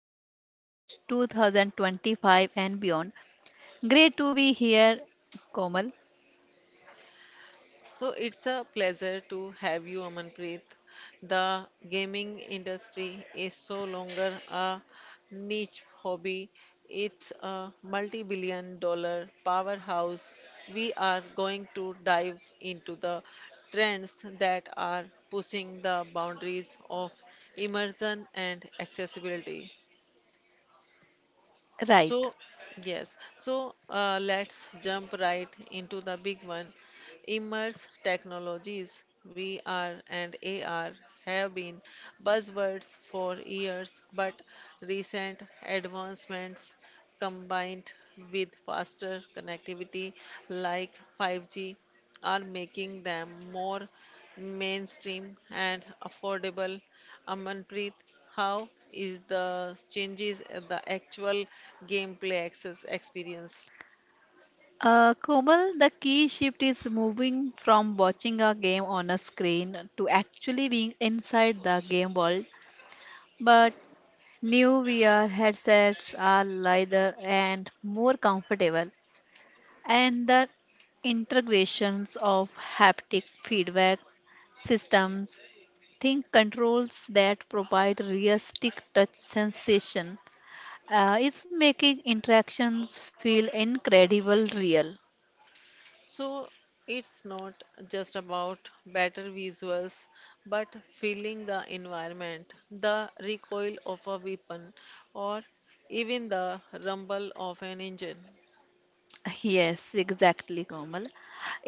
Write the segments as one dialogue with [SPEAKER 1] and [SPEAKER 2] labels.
[SPEAKER 1] gaming in 2025 and beyond. Great to be here, Komal.
[SPEAKER 2] So it's a pleasure to have you, Amanpreet. The gaming industry is so longer a niche hobby. It's a multi-billion dollar powerhouse. We are going to dive into the trends that are pushing the boundaries of immersion and accessibility.
[SPEAKER 1] Right.
[SPEAKER 2] So, let's jump right into the big one. Immerse technologies, VR and AR, have been buzzwords for years, but recent advancements combined with faster connectivity like 5G are making them more mainstream and affordable. Amanpreet, how is the changes in the actual gameplay access experience?
[SPEAKER 1] Komal, the key shift is moving from watching a game on a screen to actually being inside the game world. But new VR headsets are lighter and more comfortable, and the integrations of haptic feedback systems think controls that provide realistic touch sensation is making interactions feel incredible real.
[SPEAKER 2] So it's not just about better visuals, but feeling the environment, the recoil of a weapon, or even the rumble of an engine.
[SPEAKER 1] Yes, exactly, Komal,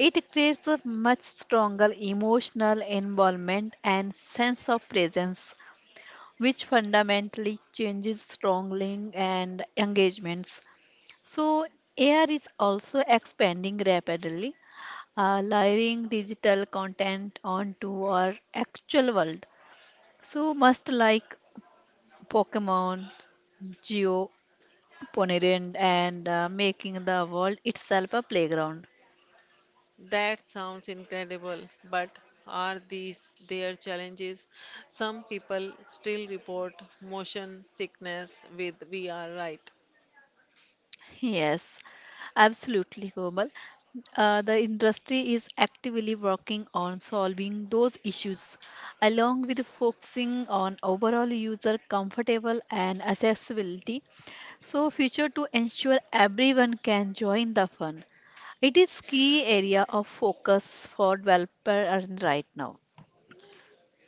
[SPEAKER 1] it creates a much stronger emotional involvement and sense of presence which fundamentally changes strongly and engagements. So, AR is also expanding rapidly, layering digital content onto our actual world. So, must like Pokemon, Geo, Ponerian, and making the world itself a playground.
[SPEAKER 2] That sounds incredible, but are these their challenges? Some people still report motion sickness with VR, right?
[SPEAKER 1] Yes, absolutely, Komal. The industry is actively working on solving those issues, along with focusing on overall user comfortable and accessibility. So, future to ensure everyone can join the fun. It is key area of focus for developer and right now.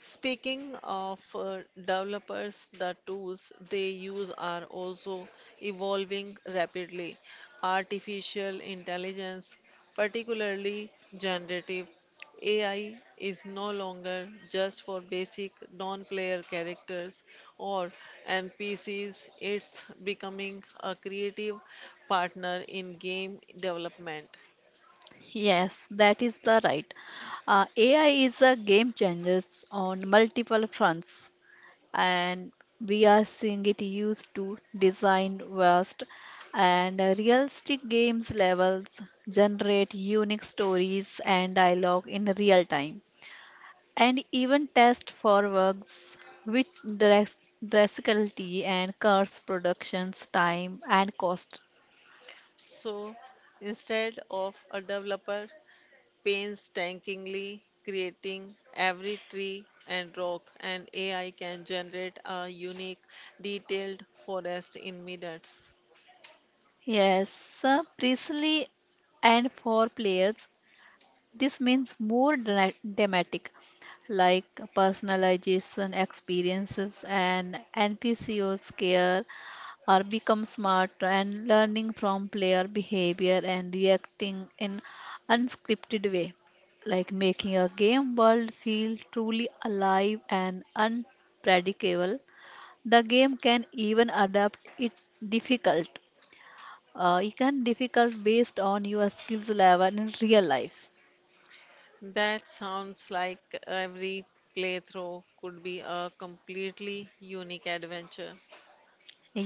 [SPEAKER 2] Speaking of developers, the tools they use are also evolving rapidly. Artificial intelligence, particularly generative AI, is no longer just for basic non player characters or NPCs, it's becoming a creative partner in game development.
[SPEAKER 1] Yes, that is the right. AI is a game changer on multiple fronts, and we are seeing it used to design vast and realistic games levels, generate unique stories and dialogue in real time and even test for works which dras- drastically and curse production's time and cost.
[SPEAKER 2] So instead of a developer, painstakingly creating every tree and rock, and AI can generate a unique, detailed forest in minutes.
[SPEAKER 1] Yes, precisely, and for players, this means more dramatic, like personalization experiences and NPCOs care or become smarter and learning from player behavior and reacting in unscripted way, like making a game world feel truly alive and unpredictable. The game can even adapt it difficult, you can difficult based on your skills level in real life.
[SPEAKER 2] That sounds like every playthrough could be a completely unique adventure.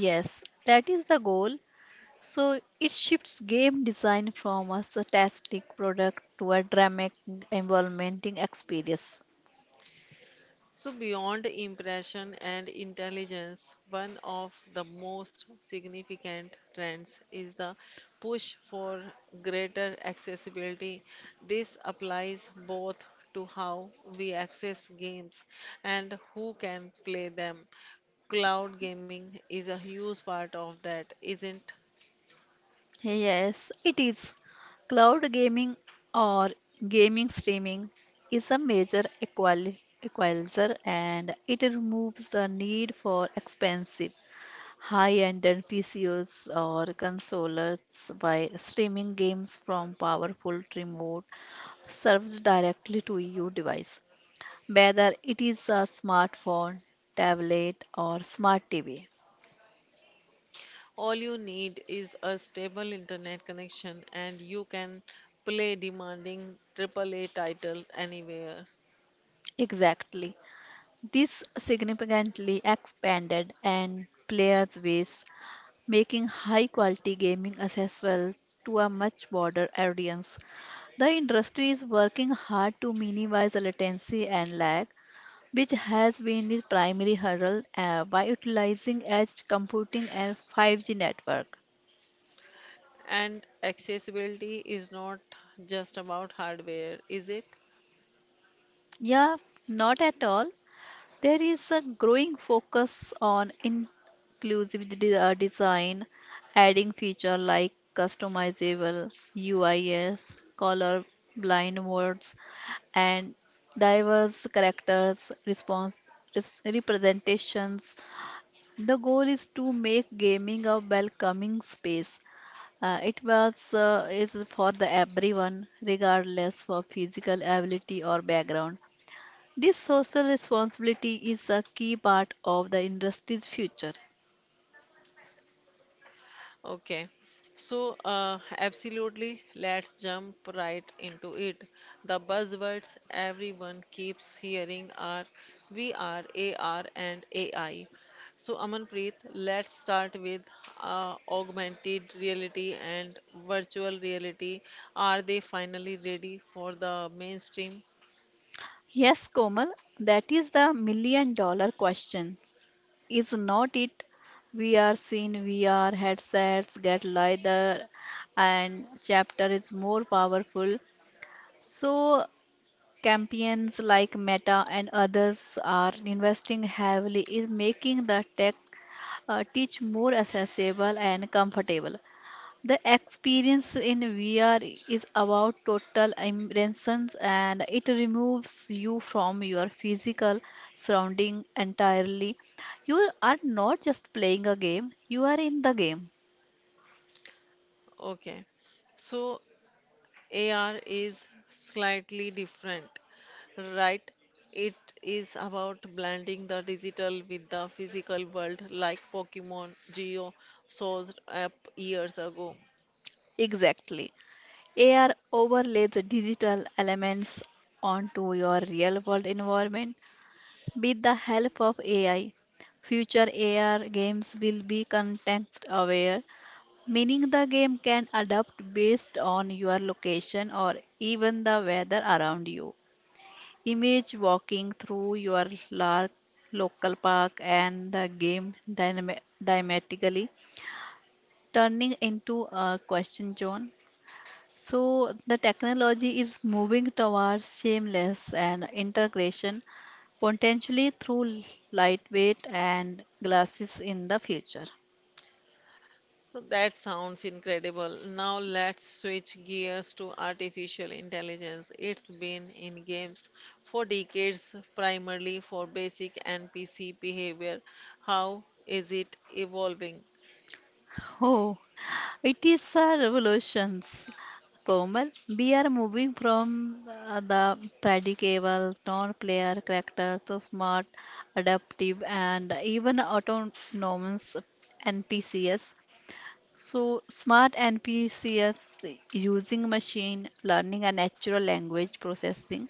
[SPEAKER 1] Yes, that is the goal. So it shifts game design from a static product to a dramatic environmenting experience.
[SPEAKER 2] So, beyond impression and intelligence, one of the most significant trends is the push for greater accessibility. This applies both to how we access games and who can play them. Cloud gaming is a huge part of that, isn't?
[SPEAKER 1] Yes, it is. Cloud gaming or gaming streaming is a major equalizer and it removes the need for expensive high-end PCs or consoles by streaming games from powerful remote served directly to your device, whether it is a smartphone, tablet, or smart TV.
[SPEAKER 2] All you need is a stable internet connection and you can play demanding AAA title anywhere.
[SPEAKER 1] Exactly. This significantly expanded and players base, making high quality gaming accessible to a much broader audience. The industry is working hard to minimize the latency and lag, which has been its primary hurdle by utilizing edge computing and 5G network.
[SPEAKER 2] And accessibility is not just about hardware, is it?
[SPEAKER 1] Yeah, not at all. There is a growing focus on inclusive design, adding features like customizable UIs, color blind words, and diverse characters response representations. The goal is to make gaming a welcoming space. It was Is for the everyone, regardless of physical ability or background. This social responsibility is a key part of the industry's future.
[SPEAKER 2] Okay. Absolutely, let's jump right into it. The buzzwords everyone keeps hearing are VR, AR, and AI. So, Amanpreet, let's start with augmented reality and virtual reality. Are they finally ready for the mainstream?
[SPEAKER 1] Yes, Komal, that is the million-dollar question. Is not it? We are seeing VR headsets get lighter and chapter is more powerful. So champions like Meta and others are investing heavily in making the tech teach more accessible and comfortable. The experience in VR is about total immersion and it removes you from your physical surrounding entirely. You are not just playing a game, you are in the game.
[SPEAKER 2] Okay. So, AR is slightly different, right? It is about blending the digital with the physical world, like Pokemon Geo saw up years ago.
[SPEAKER 1] Exactly. AR overlays digital elements onto your real world environment with the help of AI. Future AR games will be context aware, meaning the game can adapt based on your location or even the weather around you. Image walking through your local park and the game dynamically turning into a question zone. So the technology is moving towards seamless and integration, potentially through lightweight and glasses in the future.
[SPEAKER 2] So that sounds incredible. Now let's switch gears to artificial intelligence. It's been in games for decades, primarily for basic NPC behavior. How is it evolving?
[SPEAKER 1] Oh, it is a revolution, Komal. We are moving from the predictable, non-player character to smart, adaptive, and even autonomous NPCs. So, smart NPCs using machine learning and natural language processing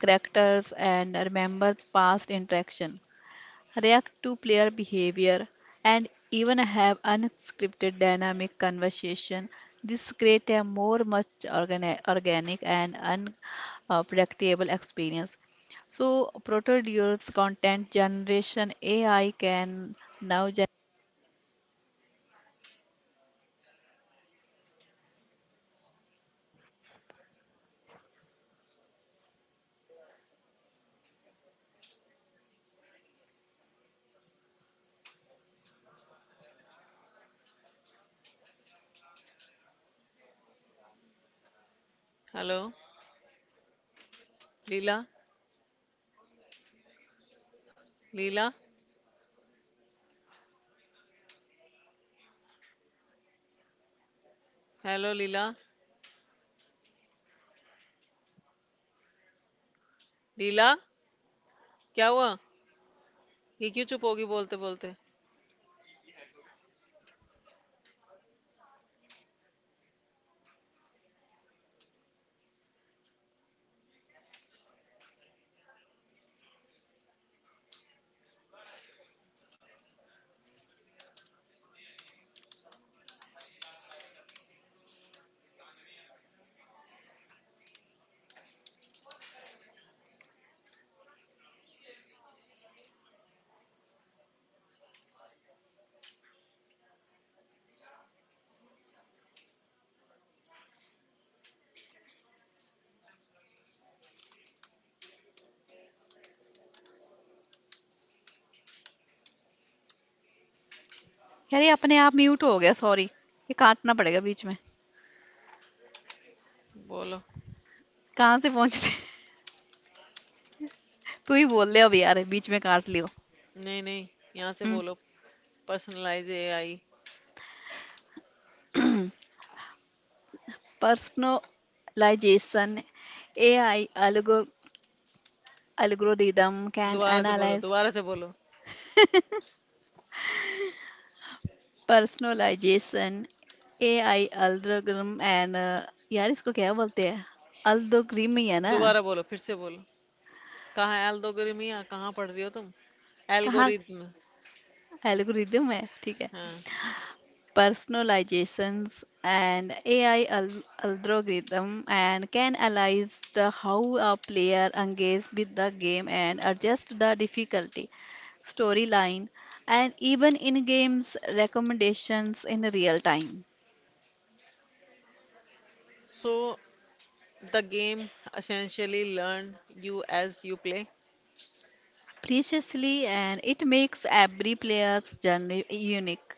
[SPEAKER 1] characters and remembers past interaction, react to player behavior, and even have unscripted dynamic conversation. This creates a more much organic and unpredictable experience. So, Proto-Dual's content generation AI can now gen-
[SPEAKER 2] Hello, Leela? Leela? Hello, Leela. लीला क्या हुआ ये क्यों चुप होगी बोलते बोलते
[SPEAKER 1] यार ये अपने आप म्यूट हो गया सॉरी ये काटना पड़ेगा बीच में
[SPEAKER 2] बोलो
[SPEAKER 1] कहाँ से पहुंचते तू ही बोल दे अब यार बीच में काट लियो
[SPEAKER 2] नहीं नहीं यहाँ से बोलो personalize AI
[SPEAKER 1] personalization AI algorithm can
[SPEAKER 2] दोबारा से बोलो
[SPEAKER 1] analyze
[SPEAKER 2] दोबारा से बोलो
[SPEAKER 1] personalization AI algorithm and यार इसको क्या बोलते हैं अल्दोग्रिम ही है ना
[SPEAKER 2] दोबारा बोलो फिर से बोलो कहाँ एल्गोरिमिया कहाँ पढ़ रही हो तुम
[SPEAKER 1] कहाँ
[SPEAKER 2] एल्गोरिदम
[SPEAKER 1] एल्गोरिदम है ठीक है
[SPEAKER 2] हाँ
[SPEAKER 1] personalizations and algorithm and can analyze the how a player engages with the game and adjust the difficulty, storyline, and even in games recommendations in real time.
[SPEAKER 2] So the game essentially learn you as you play.
[SPEAKER 1] Preciously, and it makes every player's journey unique.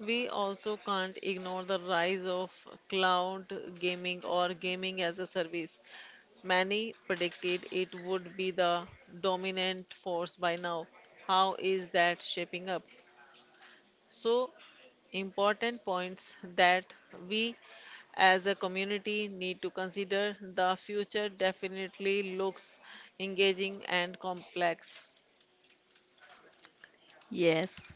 [SPEAKER 2] We also can't ignore the rise of cloud gaming or gaming as a service. Many predicted it would be the dominant force by now. How is that shaping up? So, important points that we as a community need to consider. The future definitely looks engaging and complex.
[SPEAKER 1] Yes.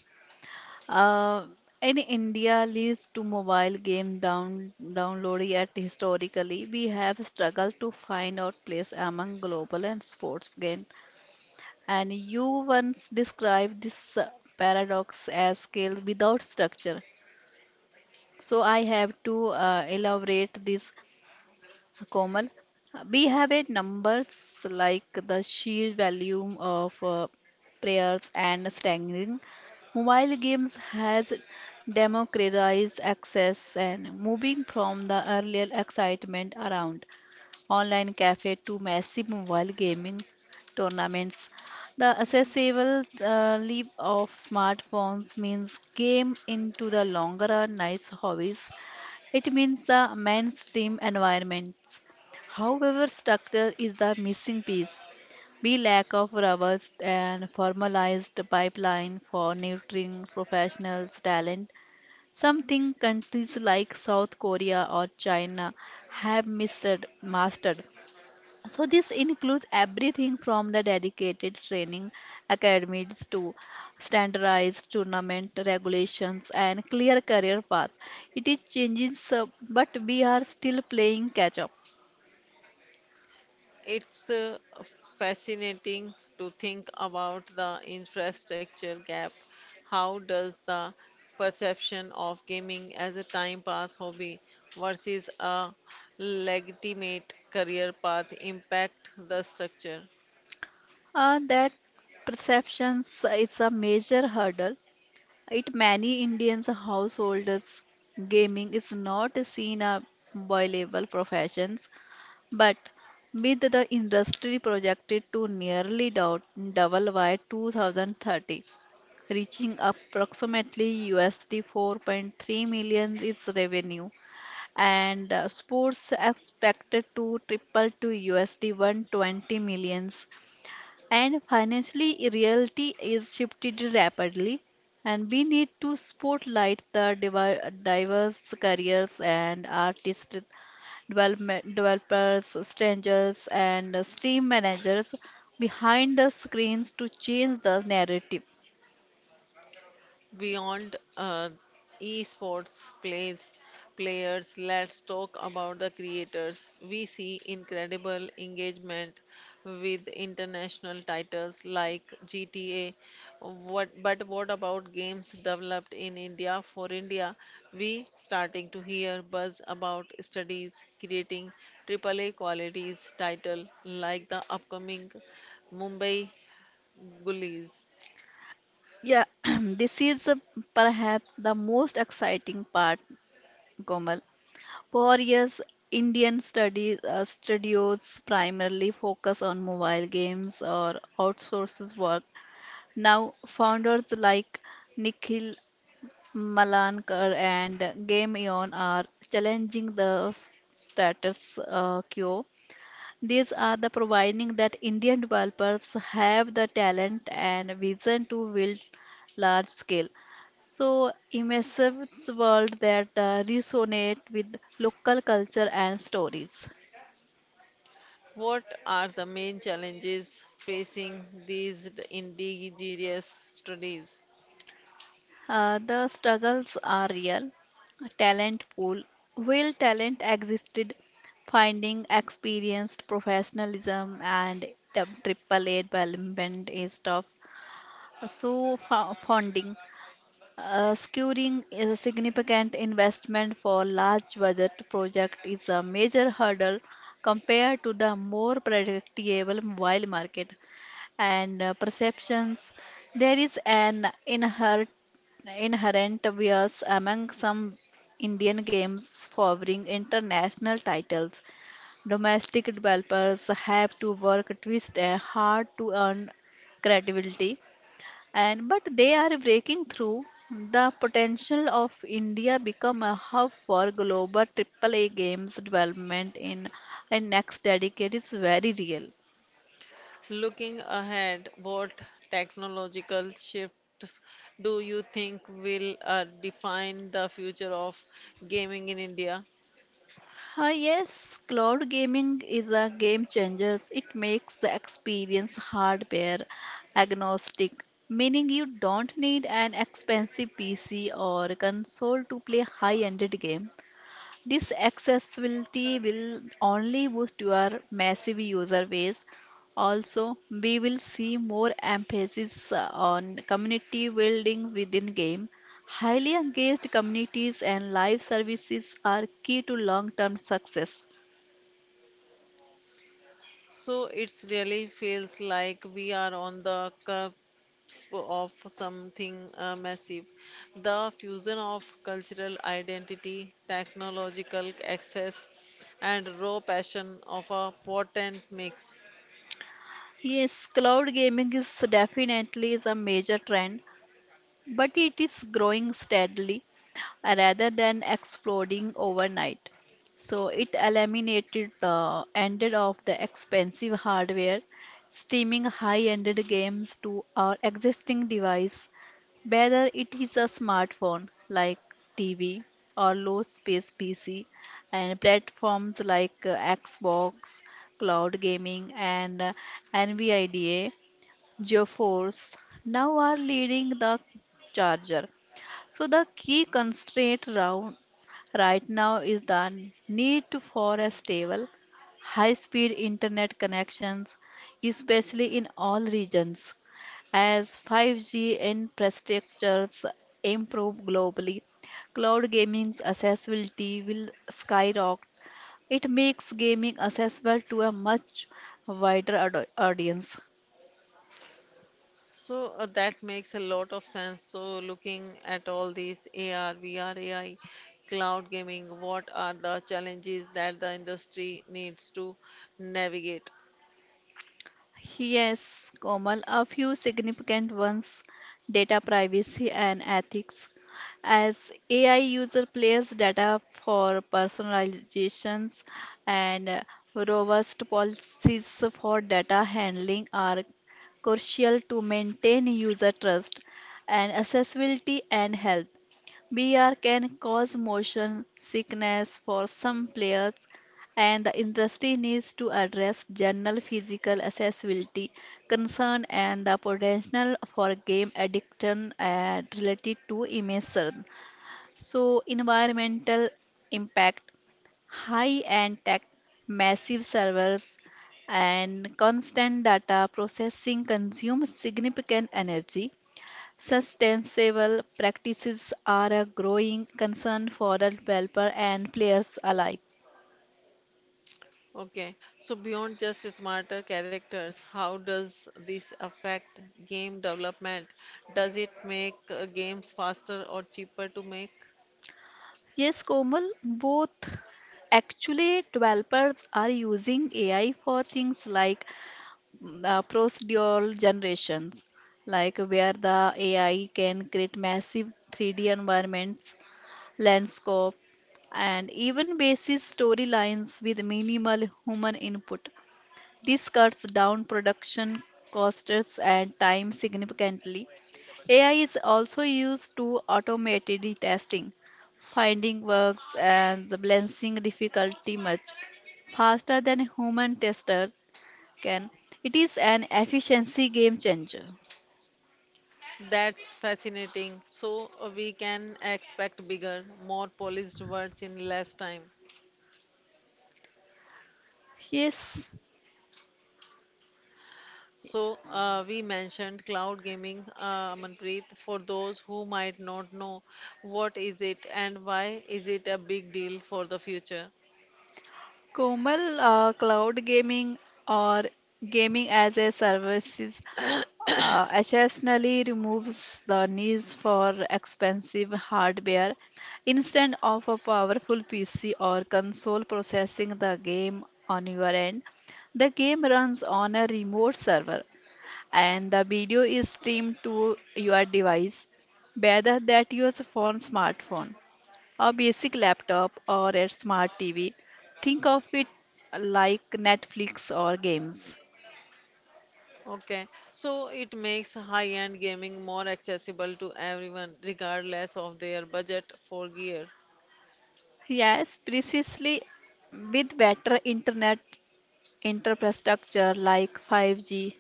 [SPEAKER 1] Uh, in India leads to mobile game down download, yet historically we have struggled to find our place among global and sports game. And you once described this paradox as scale without structure. So I have to elaborate this. Komal, we have a numbers like the sheer volume of prayers and staggering. Mobile games has democratized access and moving from the earlier excitement around online cafe to massive mobile gaming tournaments. The accessible leap of smartphones means game into the longer run nice hobbies, it means the mainstream environments. However, structure is the missing piece. We lack of robust and formalized pipeline for nurturing professionals' talent, something countries like South Korea or China have mastered. So this includes everything from the dedicated training academies to standardized tournament regulations and clear career path. It is changes, but we are still playing catch up.
[SPEAKER 2] It's fascinating to think about the infrastructure gap. How does the perception of gaming as a time pass hobby versus a legitimate career path impact the structure?
[SPEAKER 1] That perceptions is a major hurdle. It many Indians households gaming is not seen a viable profession. But with the industry projected to nearly double by 2030, reaching approximately USD 4.3 million is revenue, and sports expected to triple to USD 120 millions. And financially, reality is shifted rapidly, and we need to spotlight the diverse careers and artists development, developers, strangers, and stream managers behind the screens to change the narrative.
[SPEAKER 2] Beyond esports plays players, let's talk about the creators. We see incredible engagement with international titles like GTA. But what about games developed in India for India? We starting to hear buzz about studies creating AAA qualities title like the upcoming Mumbai Gullies.
[SPEAKER 1] Yeah, this is perhaps the most exciting part, Komal. For years, Indian studios primarily focus on mobile games or outsources work. Now, founders like Nikhil Malankar and Game Eon are challenging the s- status quo. These are the providing that Indian developers have the talent and vision to build large scale. So immersive world that resonate with local culture and stories.
[SPEAKER 2] What are the main challenges facing these indigenous studies?
[SPEAKER 1] The struggles are real. Talent pool. Will talent existed? Finding experienced professionalism and the triple A development is tough. So funding. Securing a significant investment for large budget project is a major hurdle compared to the more predictable mobile market, and perceptions. There is an inherent bias among some Indian games favoring international titles. Domestic developers have to work twist and hard to earn credibility, and but they are breaking through. The potential of india become a hub for global aaa games development in a next decade is very real.
[SPEAKER 2] Looking ahead, what technological shifts do you think will define the future of gaming in India?
[SPEAKER 1] Ah yes, cloud gaming is a game changer. It makes the experience hardware agnostic, meaning you don't need an expensive PC or console to play high-end game. This accessibility will only boost your massive user base. Also, we will see more emphasis on community building within game. Highly engaged communities and live services are key to long-term success.
[SPEAKER 2] So it's really feels like we are on the cusp of something massive. The fusion of cultural identity, technological access, and raw passion of a potent mix.
[SPEAKER 1] Yes, cloud gaming is definitely is a major trend, but it is growing steadily, rather than exploding overnight. So it eliminated the ended of the expensive hardware, streaming high-ended games to our existing device, whether it is a smartphone like TV or low space PC, and platforms like Xbox, cloud gaming, and NVIDIA geoforce now are leading the charger. So the key constraint round right now is the need for a stable, high-speed internet connections, especially in all regions. As 5G infrastructures improve globally, cloud gaming's accessibility will skyrocket. It makes gaming accessible to a much wider audience.
[SPEAKER 2] So that makes a lot of sense. So looking at all these AR, VR, AI, cloud gaming, what are the challenges that the industry needs to navigate?
[SPEAKER 1] Yes, Komal, a few significant ones data privacy and ethics. As AI user plays data for personalizations and robust policies for data handling are crucial to maintain user trust and accessibility and health. BR can cause motion sickness for some players, and the industry needs to address general physical accessibility concern and the potential for game addiction related to emission. So, environmental impact, high-end tech, massive servers, and constant data processing consumes significant energy. Sustainable practices are a growing concern for the developer and players alike.
[SPEAKER 2] Okay, so beyond just smarter characters, how does this affect game development? Does it make games faster or cheaper to make?
[SPEAKER 1] Yes, Komal, both actually developers are using AI for things like procedural generations, like where the AI can create massive 3D environments, landscape, and even basis storylines with minimal human input. This cuts down production costs and time significantly. AI is also used to automate the testing, finding bugs, and the balancing difficulty much faster than a human tester can. It is an efficiency game changer.
[SPEAKER 2] That's fascinating. So we can expect bigger, more polished words in less time.
[SPEAKER 1] Yes,
[SPEAKER 2] So we mentioned cloud gaming, Manpreet, for those who might not know what is it and why is it a big deal for the future?
[SPEAKER 1] Komal, cloud gaming or gaming as a services occasionally removes the need for expensive hardware. Instead of a powerful PC or console processing the game on your end, the game runs on a remote server and the video is streamed to your device, whether that your phone, smartphone, a basic laptop, or a smart TV. Think of it like Netflix or games.
[SPEAKER 2] Okay, so it makes high-end gaming more accessible to everyone, regardless of their budget for gear.
[SPEAKER 1] Yes, precisely, with better internet infrastructure like 5G,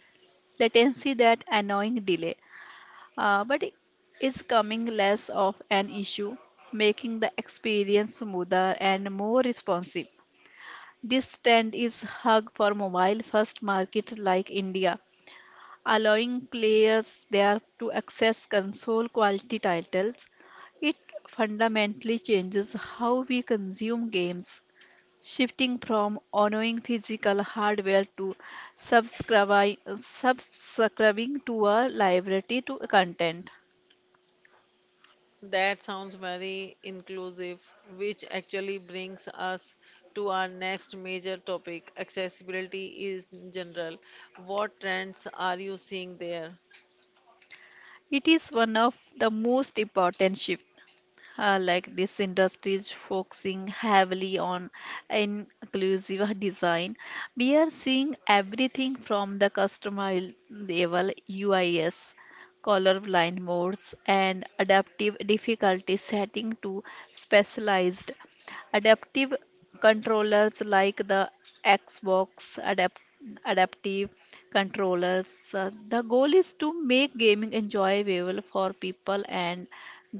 [SPEAKER 1] latency that annoying delay, but it is coming less of an issue, making the experience smoother and more responsive. This trend is hug for mobile first markets like India, allowing players there to access console quality titles. It fundamentally changes how we consume games, shifting from owning physical hardware to subscribing to a library to content.
[SPEAKER 2] That sounds very inclusive, which actually brings us to our next major topic, accessibility is general. What trends are you seeing there?
[SPEAKER 1] It is one of the most important shifts. Like, this industry is focusing heavily on inclusive design. We are seeing everything from the customer level UIS, colorblind modes, and adaptive difficulty setting to specialized adaptive controllers like the Xbox adaptive controllers. The goal is to make gaming enjoyable for people and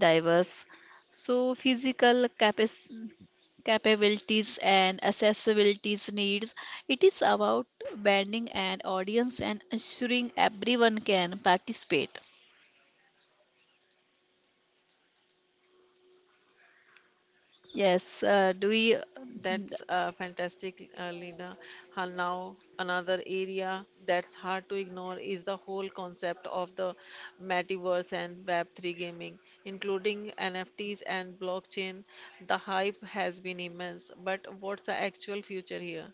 [SPEAKER 1] diverse so, physical capabilities and accessibilities needs. It is about bending an audience and ensuring everyone can participate. Yes, do we
[SPEAKER 2] That's fantastic, Lina. Now, another area that's hard to ignore is the whole concept of the metaverse and Web3 gaming, including NFTs and blockchain. The hype has been immense, but what's the actual future here?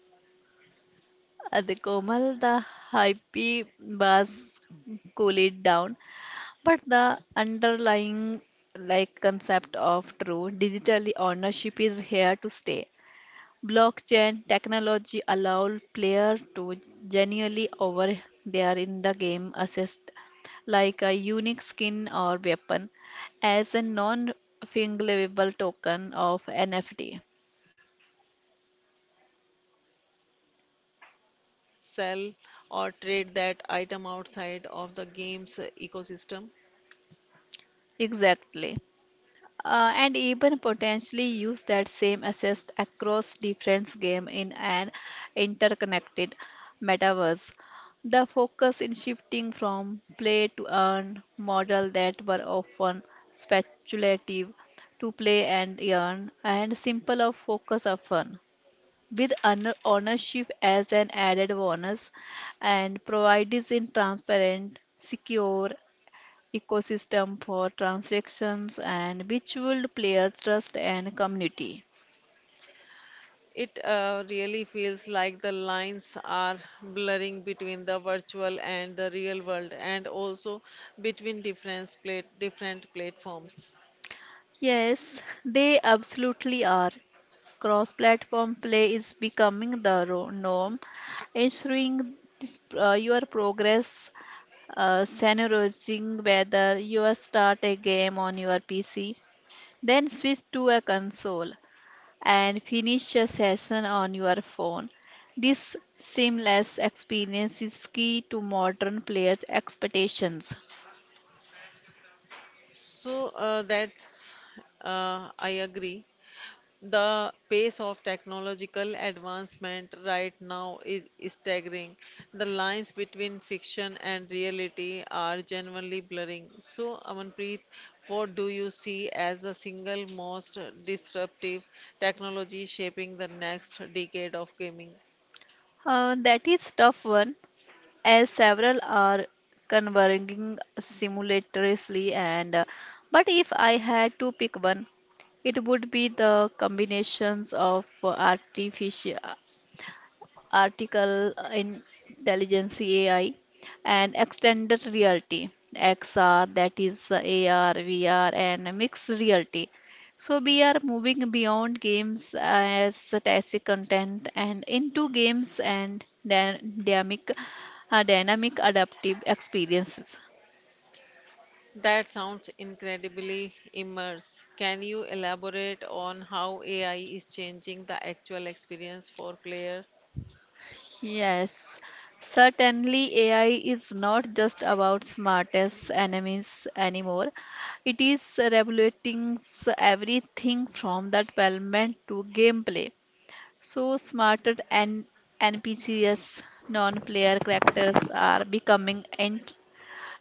[SPEAKER 1] at the Komal the hype buzz cool it down, but the underlying like concept of true digitally ownership is here to stay. Blockchain technology allows players to genuinely over their in the game assist like a unique skin or weapon as a non-fungible token of NFT.
[SPEAKER 2] Sell or trade that item outside of the game's ecosystem?
[SPEAKER 1] Exactly. And even potentially use that same assist across different games in an interconnected metaverse. The focus in shifting from play to earn model that were often speculative to play and earn and simple of focus of fun with ownership as an added bonus and provides in transparent secure ecosystem for transactions and which would player trust and community.
[SPEAKER 2] It really feels like the lines are blurring between the virtual and the real world, and also between different platforms.
[SPEAKER 1] Yes, they absolutely are. Cross-platform play is becoming the norm, ensuring this, your progress, summarizing whether you start a game on your PC, then switch to a console, and finish your session on your phone. This seamless experience is key to modern players' expectations.
[SPEAKER 2] So that's I agree. The pace of technological advancement right now is staggering. The lines between fiction and reality are genuinely blurring. So, Amanpreet, what do you see as the single most disruptive technology shaping the next decade of gaming?
[SPEAKER 1] That is tough one, as several are converging simultaneously. And but if I had to pick one, it would be the combinations of artificial article intelligence AI, and extended reality XR, that is AR, VR, and mixed reality. So we are moving beyond games as static content and into games and dynamic adaptive experiences.
[SPEAKER 2] That sounds incredibly immersive. Can you elaborate on how AI is changing the actual experience for players?
[SPEAKER 1] Yes, certainly AI is not just about smartest enemies anymore. It is regulating everything from the development to gameplay. So smarter and NPCs, non-player characters are becoming int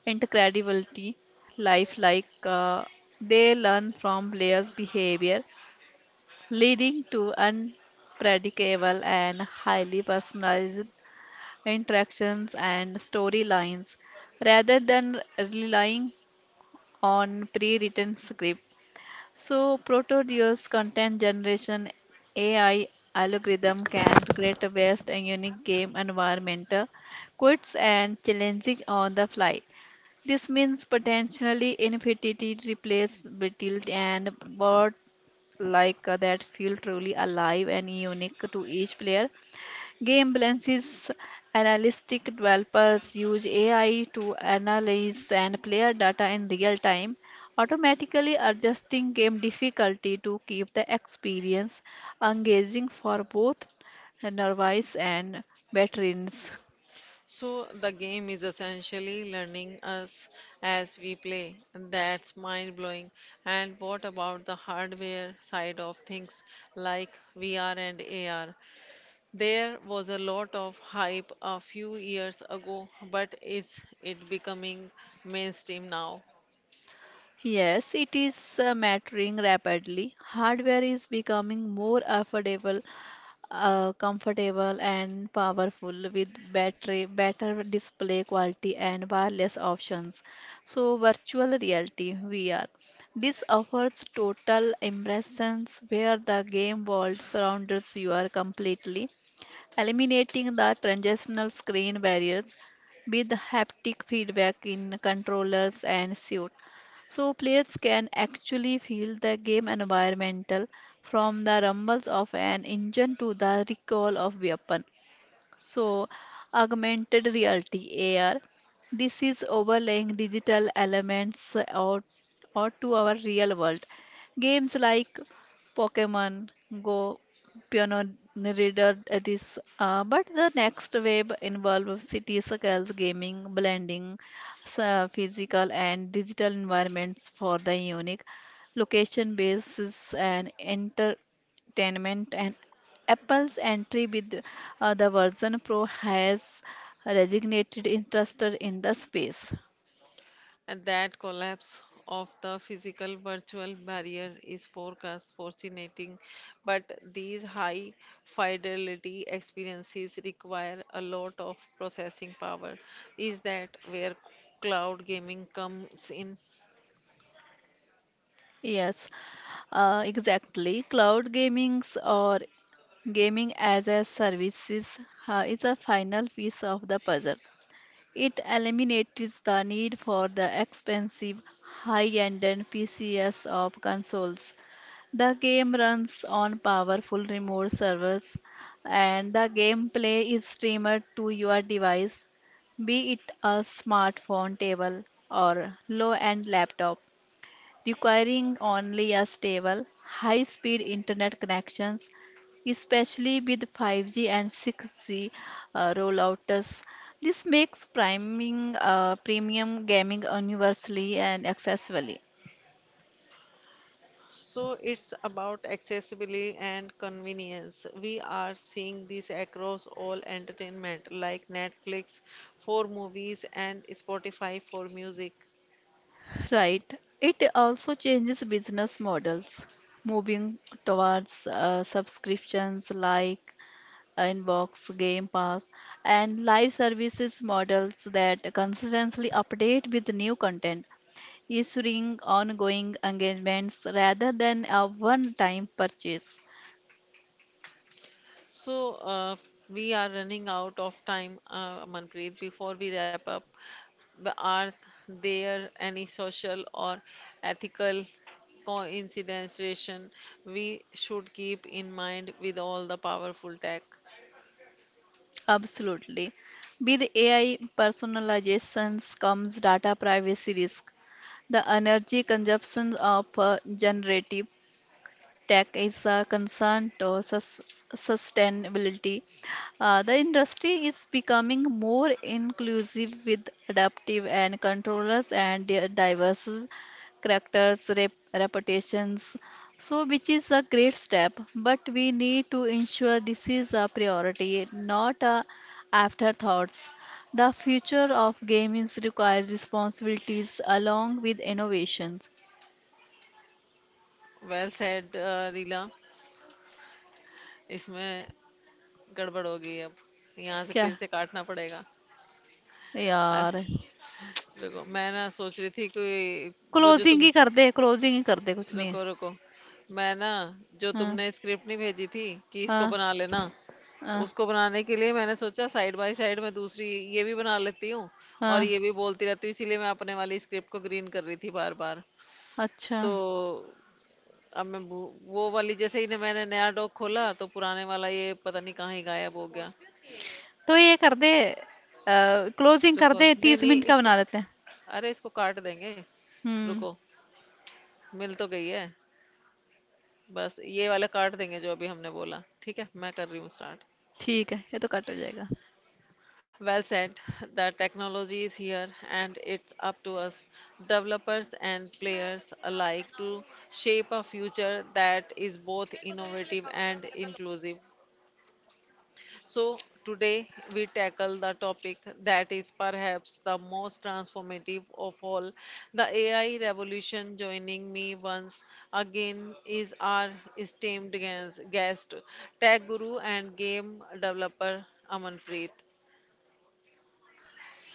[SPEAKER 1] incredibly lifelike. They learn from players' behavior, leading to unpredictable and highly personalized interactions, and storylines rather than relying on pre written script. So, Proteodeus content generation AI algorithm can create a vast and unique game environment, quits and challenging on the fly. This means potentially infinity replaceability and board like that feel truly alive and unique to each player. Game balances analytic developers use AI to analyze and player data in real time, automatically adjusting game difficulty to keep the experience engaging for both novices and veterans.
[SPEAKER 2] So the game is essentially learning us as we play. That's mind blowing. And what about the hardware side of things like VR and AR? There was a lot of hype a few years ago, but is it becoming mainstream now?
[SPEAKER 1] Yes, it is maturing rapidly. Hardware is becoming more affordable, comfortable and powerful with battery, better display quality and wireless options. So virtual reality VR. This offers total immersion where the game world surrounds you completely, eliminating the transitional screen barriers with haptic feedback in controllers and suit. So players can actually feel the game environmental from the rumbles of an engine to the recoil of weapon. So, augmented reality (AR), this is overlaying digital elements or to our real world. Games like Pokemon Go, pioneered this, but the next wave involves city circles, gaming, blending physical and digital environments for the unique location basis and entertainment and Apple's entry with the version Pro has reignited interest in the space.
[SPEAKER 2] And that collapse of the physical virtual barrier is forecast fascinating, but these high fidelity experiences require a lot of processing power. Is that where cloud gaming comes in?
[SPEAKER 1] Yes, exactly. Cloud gamings or gaming as a services is a final piece of the puzzle. It eliminates the need for the expensive high-end and PCs of consoles. The game runs on powerful remote servers, and the gameplay is streamed to your device, be it a smartphone, table, or low-end laptop, requiring only a stable, high-speed internet connections, especially with 5G and 6G rollouts. This makes premium gaming universally and accessible.
[SPEAKER 2] So it's about accessibility and convenience. We are seeing this across all entertainment, like Netflix for movies and Spotify for music.
[SPEAKER 1] Right. It also changes business models, moving towards subscriptions like Inbox, Game Pass, and live services models that consistently update with new content, ensuring ongoing engagements rather than a one-time purchase.
[SPEAKER 2] So, uh, we are running out of time, Manpreet. Before we wrap up, are there any social or ethical consideration we should keep in mind with all the powerful tech?
[SPEAKER 1] Absolutely. With AI personalizations comes data privacy risk, the energy consumption of generative tech is a concern to sustainability. The industry is becoming more inclusive with adaptive and controllers and diverse characters, reputations. So, which is a great step, but we need to ensure this is a priority, not a afterthoughts. The future of games requires responsibilities along with innovations.
[SPEAKER 2] Well said रीला इसमें गड़बड़ हो गई अब यहाँ से
[SPEAKER 1] क्या
[SPEAKER 2] फिर से काटना पड़ेगा
[SPEAKER 1] यार
[SPEAKER 2] अरे देखो मैं ना सोच रही थी कि वो जो
[SPEAKER 1] क्लोजिंग
[SPEAKER 2] तुम
[SPEAKER 1] ही कर दे क्लोजिंग ही कर दे कुछ नहीं है
[SPEAKER 2] रुको रुको मैं ना जो
[SPEAKER 1] हाँ
[SPEAKER 2] तुमने स्क्रिप्ट नहीं भेजी थी कि इसको
[SPEAKER 1] हाँ
[SPEAKER 2] बना लेना
[SPEAKER 1] हाँ
[SPEAKER 2] उसको बनाने के लिए मैंने सोचा साइड बाय साइड में दूसरी ये भी बना लेती हूँ और
[SPEAKER 1] हाँ
[SPEAKER 2] ये भी बोलती रहती हूँ इसीलिए मैं अपने वाली स्क्रिप्ट को ग्रीन कर रही थी बार बार
[SPEAKER 1] अच्छा
[SPEAKER 2] तो अब मैं वो वाली जैसे ही ने मैंने नया डॉक खोला तो पुराने वाला ये पता नहीं कहाँ ही गायब हो गया
[SPEAKER 1] तो ये कर दे क्लोजिंग कर
[SPEAKER 2] रुको
[SPEAKER 1] दे
[SPEAKER 2] नहीं
[SPEAKER 1] तीस
[SPEAKER 2] नहीं
[SPEAKER 1] मिनट का
[SPEAKER 2] इसको
[SPEAKER 1] बना देते हैं
[SPEAKER 2] अरे इसको काट देंगे
[SPEAKER 1] हम्म
[SPEAKER 2] रुको मिल तो गई है बस ये वाला काट देंगे जो अभी हमने बोला ठीक है मैं कर रही हूँ स्टार्ट.
[SPEAKER 1] ठीक है ये तो कट हो जाएगा.
[SPEAKER 2] Well said. The technology is here and it's up to us, developers and players alike, to shape a future that is both innovative and inclusive. So, today we tackle the topic that is perhaps the most transformative of all the AI revolution. Joining me once again is our esteemed guest, tech guru and game developer Amanpreet.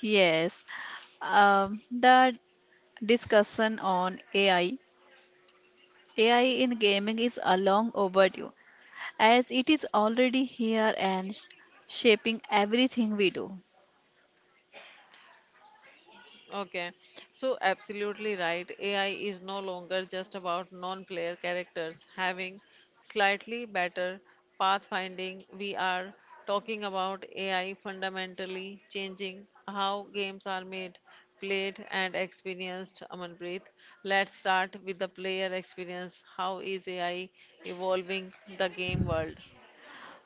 [SPEAKER 1] Yes. The discussion on AI. AI in gaming is a long overdue as it is already here and shaping everything we do.
[SPEAKER 2] Okay, so absolutely right. AI is no longer just about non-player characters having slightly better pathfinding. We are talking about AI fundamentally changing how games are made, played, and experienced. Amanpreet, let's start with the player experience. How is AI evolving the game world?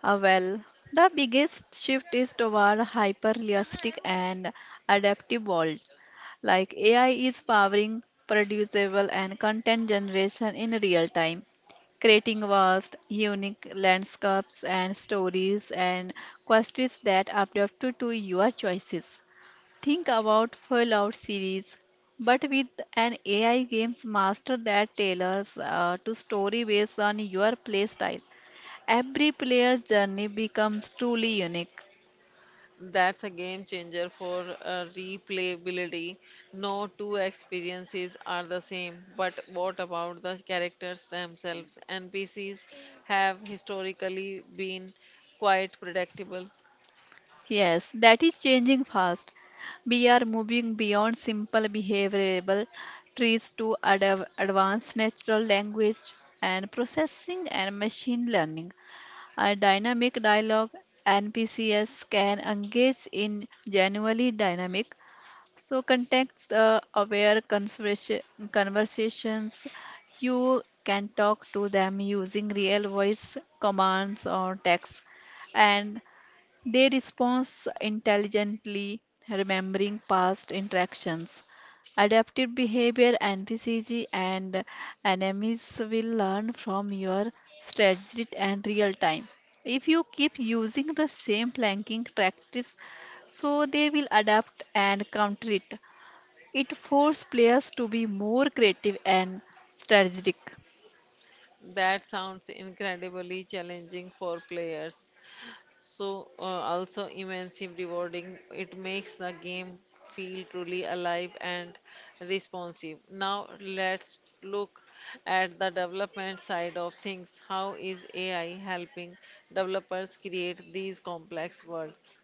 [SPEAKER 1] Uh, well, the biggest shift is toward hyper-realistic and adaptive worlds. Like AI is powering producible and content generation in real time, creating vast, unique landscapes and stories and quests that are adapted to your choices. Think about Fallout series, but with an AI games master that tailors to story based on your playstyle. Every player's journey becomes truly unique.
[SPEAKER 2] That's a game changer for replayability. No two experiences are the same, but what about the characters themselves? NPCs have historically been quite predictable.
[SPEAKER 1] Yes, that is changing fast. We are moving beyond simple behavioral trees to advanced natural language and processing and machine learning. A dynamic dialogue NPCs can engage in genuinely dynamic. So, context aware conversations, you can talk to them using real voice commands or text. And they respond intelligently, remembering past interactions. Adaptive behavior and PCG and enemies will learn from your strategy and real time. If you keep using the same planking practice, so they will adapt and counter it. It forces players to be more creative and strategic.
[SPEAKER 2] That sounds incredibly challenging for players, so also immensely rewarding. It makes the game feel truly alive and responsive. Now let's look at the development side of things. How is AI helping developers create these complex worlds?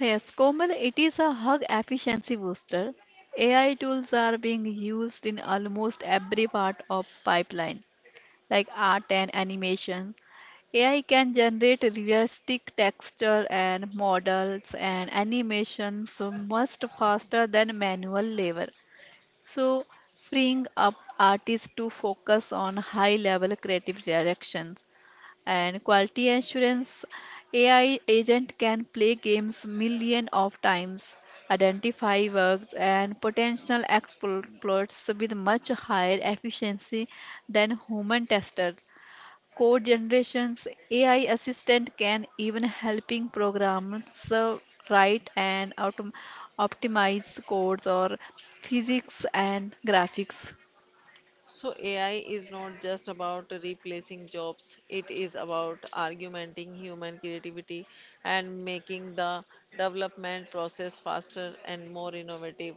[SPEAKER 1] Yes, Komal, it is a hug efficiency booster. AI tools are being used in almost every part of pipeline, like art and animation. AI can generate realistic texture and models and animations much faster than manual labor. So, freeing up artists to focus on high-level creative directions. And quality assurance AI agent can play games million of times, identify bugs and potential exploits with much higher efficiency than human testers. Code generations AI assistant can even helping programmers write and optimize codes or physics and graphics.
[SPEAKER 2] So AI is not just about replacing jobs, it is about augmenting human creativity and making the development process faster and more innovative.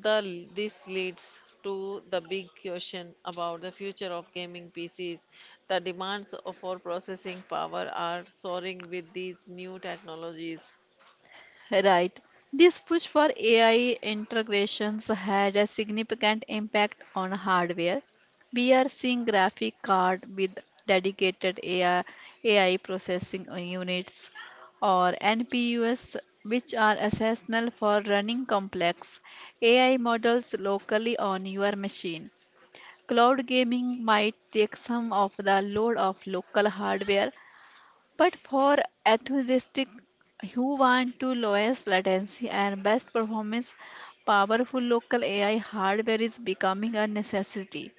[SPEAKER 2] This leads to the big question about the future of gaming PCs. The demands for processing power are soaring with these new technologies.
[SPEAKER 1] Right. This push for AI integrations had a significant impact on hardware. We are seeing graphic card with dedicated AI, processing units or NPUs which are essential for running complex AI models locally on your machine. Cloud gaming might take some of the load of local hardware, but for enthusiastic who want to lowest latency and best performance, powerful local AI hardware is becoming a necessity.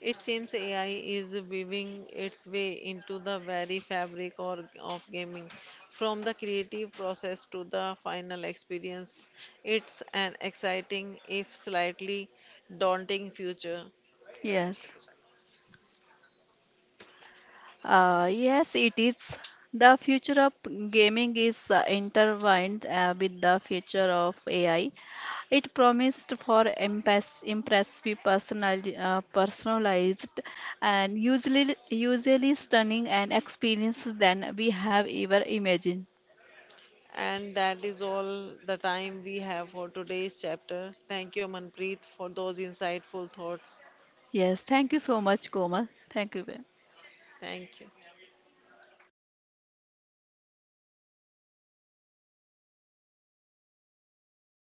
[SPEAKER 2] It seems AI is weaving its way into the very fabric of gaming, from the creative process to the final experience. It's an exciting, if slightly daunting, future.
[SPEAKER 1] Yes. Yes, it is. The future of gaming is intertwined with the future of AI. It promised for impressive personalized and usually stunning and experience than we have ever imagined.
[SPEAKER 2] And that is all the time we have for today's chapter. Thank you, Manpreet, for those insightful thoughts.
[SPEAKER 1] Yes, thank you so much, Komal. Thank you.
[SPEAKER 2] Thank you.